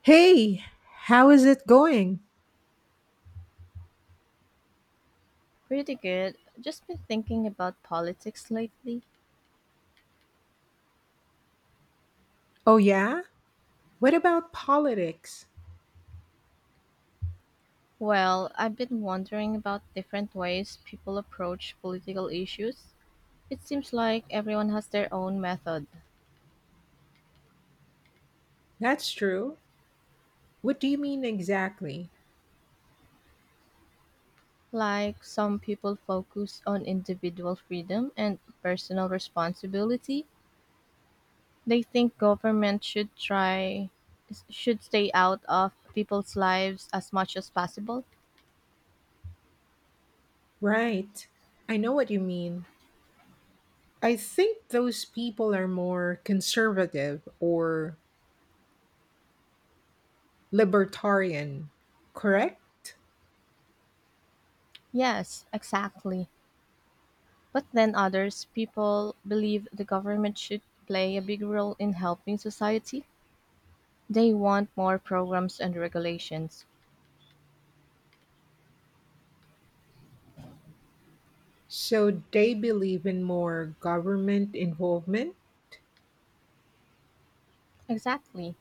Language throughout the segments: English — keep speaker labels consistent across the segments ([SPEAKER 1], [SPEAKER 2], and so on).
[SPEAKER 1] Hey, how is it going?
[SPEAKER 2] Pretty good. Just been thinking about politics lately.
[SPEAKER 1] Oh, yeah? What about politics?
[SPEAKER 2] Well, I've been wondering about different ways people approach political issues. It seems like everyone has their own method.
[SPEAKER 1] That's true. What do you mean exactly?
[SPEAKER 2] Like some people focus on individual freedom and personal responsibility. They think government should try should stay out of people's lives as much as possible.
[SPEAKER 1] Right. I know what you mean. I think those people are more conservative or libertarian, correct?
[SPEAKER 2] Yes, exactly. But then others people believe the government should play a big role in helping society. They want more programs and regulations.
[SPEAKER 1] So they believe in more government involvement?
[SPEAKER 2] Exactly.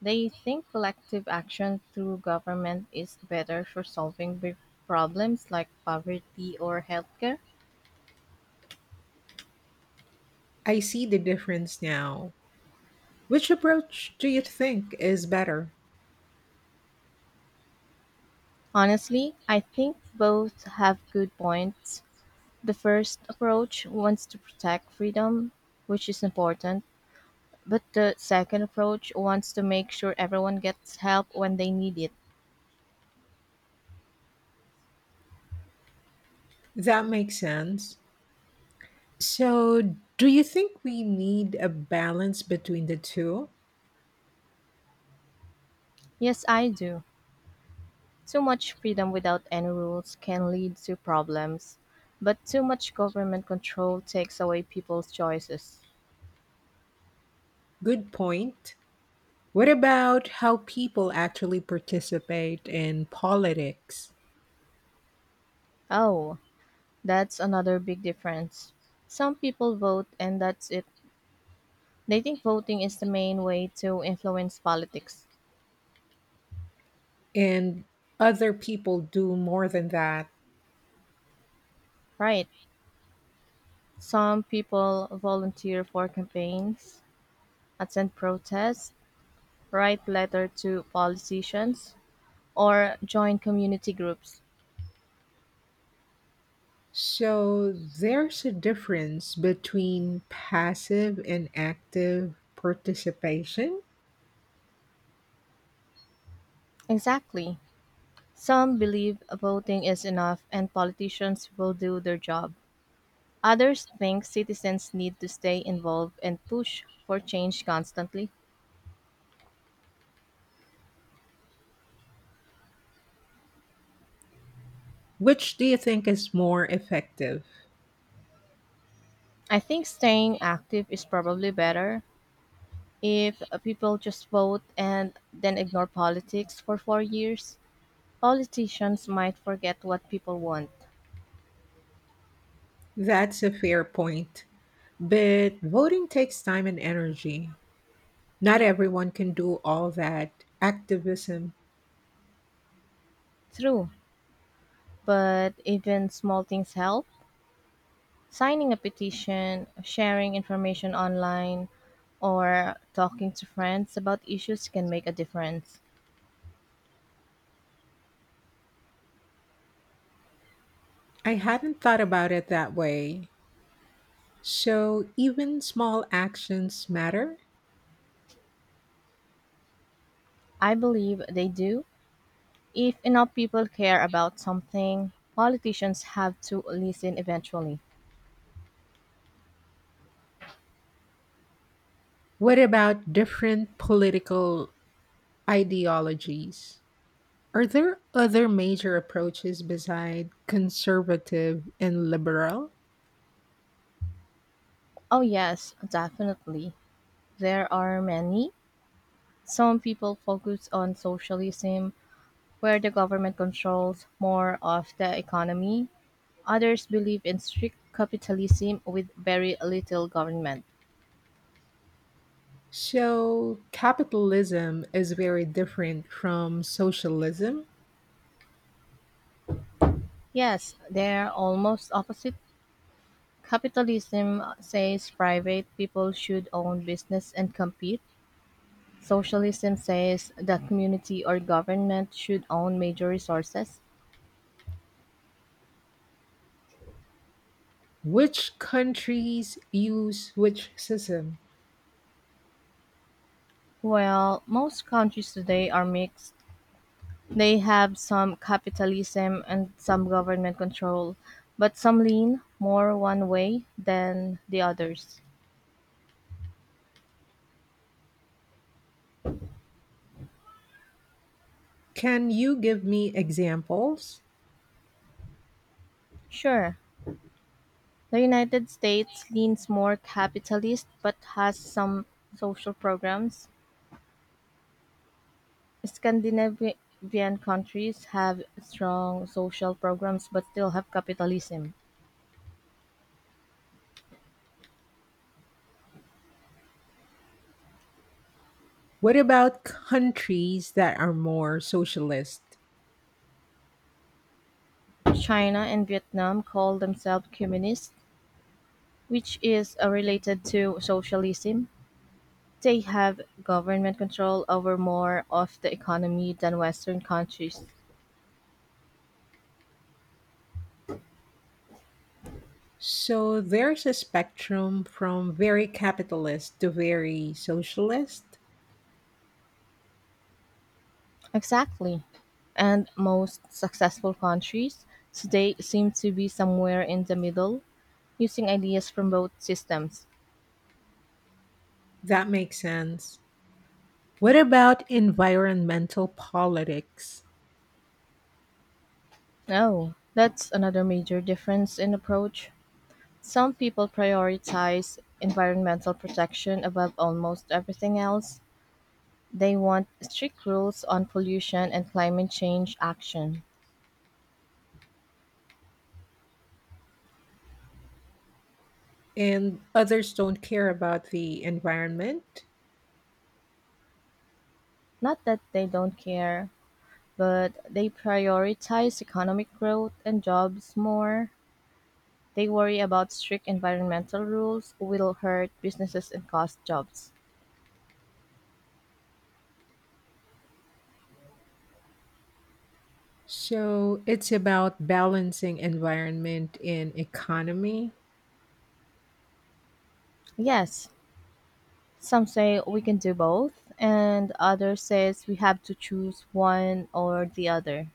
[SPEAKER 2] They think collective action through government is better for solving big problems like poverty or healthcare.
[SPEAKER 1] I see the difference now. Which approach do you think is better?
[SPEAKER 2] Honestly, I think both have good points. The first approach wants to protect freedom, which is important, but the second approach wants to make sure everyone gets help when they need it.
[SPEAKER 1] That makes sense. So, do you think we need a balance between the two?
[SPEAKER 2] Yes, I do. Too much freedom without any rules can lead to problems, but too much government control takes away people's choices.
[SPEAKER 1] Good point. What about how people actually participate in politics?
[SPEAKER 2] Oh, that's another big difference. Some people vote and that's it. They think voting is the main way to influence politics.
[SPEAKER 1] And other people do more than that.
[SPEAKER 2] Right. Some people volunteer for campaigns, attend protests, write letters to politicians, or join community groups.
[SPEAKER 1] So, there's a difference between passive and active participation.
[SPEAKER 2] Exactly. Some believe voting is enough and politicians will do their job. Others think citizens need to stay involved and push for change constantly.
[SPEAKER 1] Which do you think is more effective?
[SPEAKER 2] I think staying active is probably better if people just vote and then ignore politics for 4 years. Politicians might forget what people want.
[SPEAKER 1] That's a fair point. But voting takes time and energy. Not everyone can do all that activism.
[SPEAKER 2] True, but even small things help. Signing a petition, sharing information online, or talking to friends about issues can make a difference.
[SPEAKER 1] I hadn't thought about it that way. So, even small actions matter?
[SPEAKER 2] I believe they do. If enough people care about something, politicians have to listen eventually.
[SPEAKER 1] What about different political ideologies? Are there other major approaches beside conservative and liberal?
[SPEAKER 2] Oh, yes, definitely. There are many. Some people focus on socialism, where the government controls more of the economy. Others believe in strict capitalism with very little government.
[SPEAKER 1] So, capitalism is very different from socialism?
[SPEAKER 2] Yes, they're almost opposite. Capitalism says private people should own business and compete. Socialism says the community or government should own major resources.
[SPEAKER 1] Which countries use which system?
[SPEAKER 2] Well, most countries today are mixed. They have some capitalism and some government control, but some lean more one way than the others.
[SPEAKER 1] Can you give me examples?
[SPEAKER 2] Sure, the United States leans more capitalist but has some social programs. Scandinavian countries have strong social programs but still have capitalism.
[SPEAKER 1] What about countries that are more socialist?
[SPEAKER 2] China and Vietnam call themselves communist, which is related to socialism. They have government control over more of the economy than Western countries.
[SPEAKER 1] So there's a spectrum from very capitalist to very socialist.
[SPEAKER 2] Exactly. And most successful countries today seem to be somewhere in the middle, using ideas from both systems.
[SPEAKER 1] That makes sense. What about environmental politics?
[SPEAKER 2] Oh, that's another major difference in approach. Some people prioritize environmental protection above almost everything else. They want strict rules on pollution and climate change action.
[SPEAKER 1] And others don't care about the environment?
[SPEAKER 2] Not that they don't care, but they prioritize economic growth and jobs more. They worry about strict environmental rules will hurt businesses and cost jobs.
[SPEAKER 1] So it's about balancing environment and economy.
[SPEAKER 2] Yes, some say we can do both and others says we have to choose one or the other.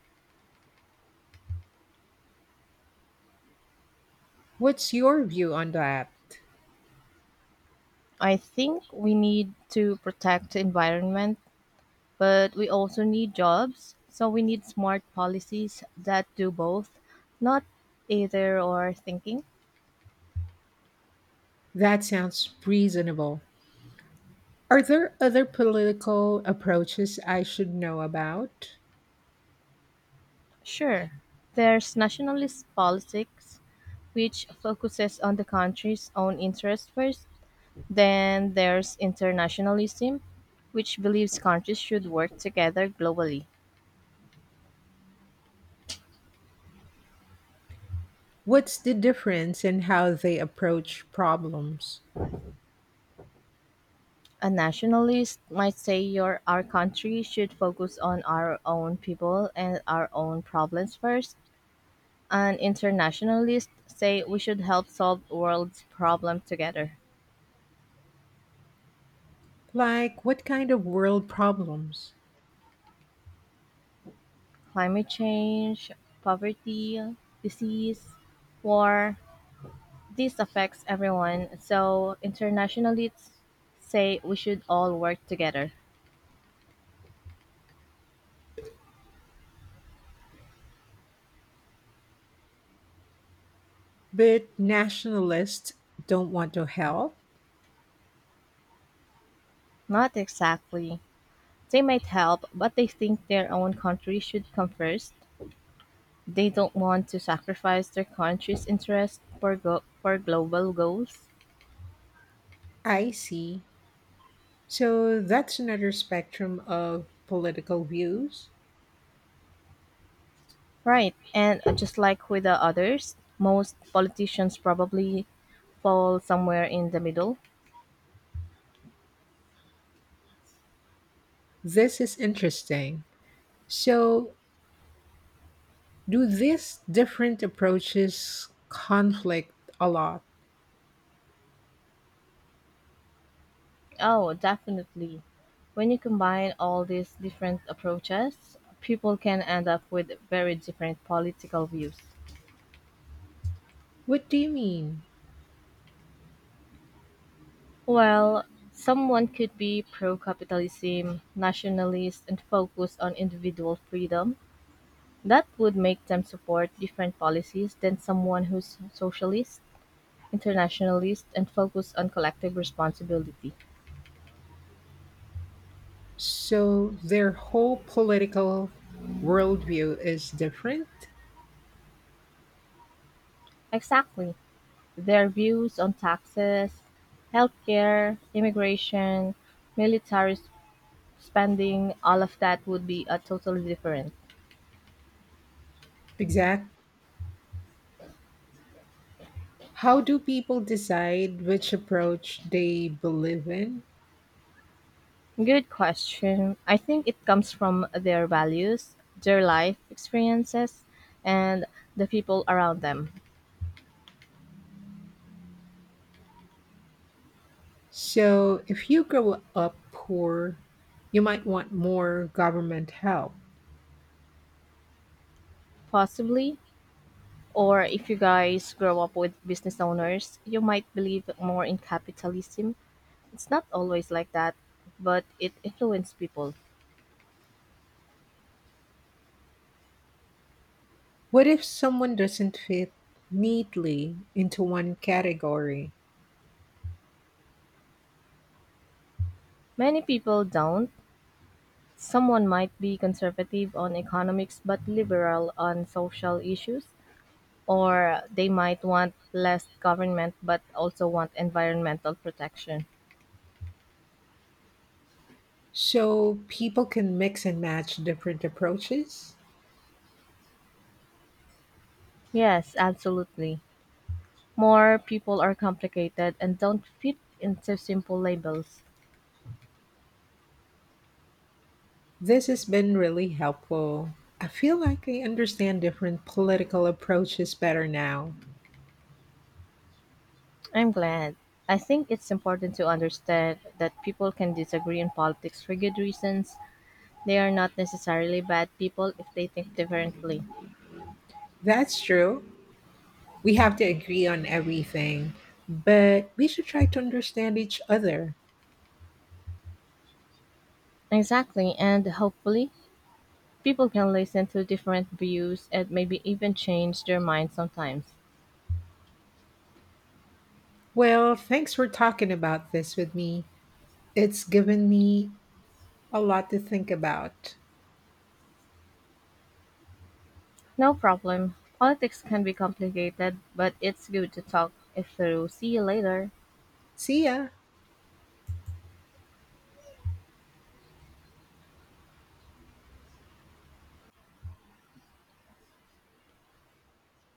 [SPEAKER 1] What's your view on that?
[SPEAKER 2] I think we need to protect the environment, but we also need jobs. So we need smart policies that do both, not either or thinking.
[SPEAKER 1] That sounds reasonable. Are there other political approaches I should know about?
[SPEAKER 2] Sure, there's nationalist politics, which focuses on the country's own interests first. Then there's internationalism, which believes countries should work together globally.
[SPEAKER 1] What's the difference in how they approach problems?
[SPEAKER 2] A nationalist might say your our country should focus on our own people and our own problems first. An internationalist say we should help solve world's problems together.
[SPEAKER 1] Like, what kind of world problems?
[SPEAKER 2] Climate change, poverty, disease, war, this affects everyone. So internationalists say we should all work together.
[SPEAKER 1] But nationalists don't want to help?
[SPEAKER 2] Not exactly. They might help, but they think their own country should come first. They don't want to sacrifice their country's interest for global goals.
[SPEAKER 1] I see. So that's another spectrum of political views.
[SPEAKER 2] Right. And just like with the others, most politicians probably fall somewhere in the middle.
[SPEAKER 1] This is interesting. So, do these different approaches conflict a lot?
[SPEAKER 2] Oh, definitely. When you combine all these different approaches, people can end up with very different political views.
[SPEAKER 1] What do you mean?
[SPEAKER 2] Well, someone could be pro capitalism, nationalist, and focused on individual freedom. That would make them support different policies than someone who's socialist, internationalist, and focused on collective responsibility.
[SPEAKER 1] So their whole political worldview is different?
[SPEAKER 2] Exactly. Their views on taxes, healthcare, immigration, military s- spending, all of that would be a totally different.
[SPEAKER 1] Exact. How do people decide which approach they believe in?
[SPEAKER 2] Good question. I think it comes from their values, their life experiences, and the people around them.
[SPEAKER 1] So if you grow up poor, you might want more government help.
[SPEAKER 2] Possibly. Or if you guys grow up with business owners, you might believe more in capitalism. It's not always like that, but it influences people.
[SPEAKER 1] What if someone doesn't fit neatly into one category?
[SPEAKER 2] Many people don't. Someone might be conservative on economics but liberal on social issues, or they might want less government but also want environmental protection.
[SPEAKER 1] So people can mix and match different approaches?
[SPEAKER 2] Yes, absolutely. More people are complicated and don't fit into simple labels.
[SPEAKER 1] This has been really helpful. I feel like I understand different political approaches better now.
[SPEAKER 2] I'm glad. I think it's important to understand that people can disagree on politics for good reasons. They are not necessarily bad people if they think differently.
[SPEAKER 1] That's true. We have to agree on everything, but we should try to understand each other.
[SPEAKER 2] Exactly, and hopefully, people can listen to different views and maybe even change their mind sometimes.
[SPEAKER 1] Well, thanks for talking about this with me. It's given me a lot to think about.
[SPEAKER 2] No problem. Politics can be complicated, but it's good to talk it through. See you later.
[SPEAKER 1] See ya.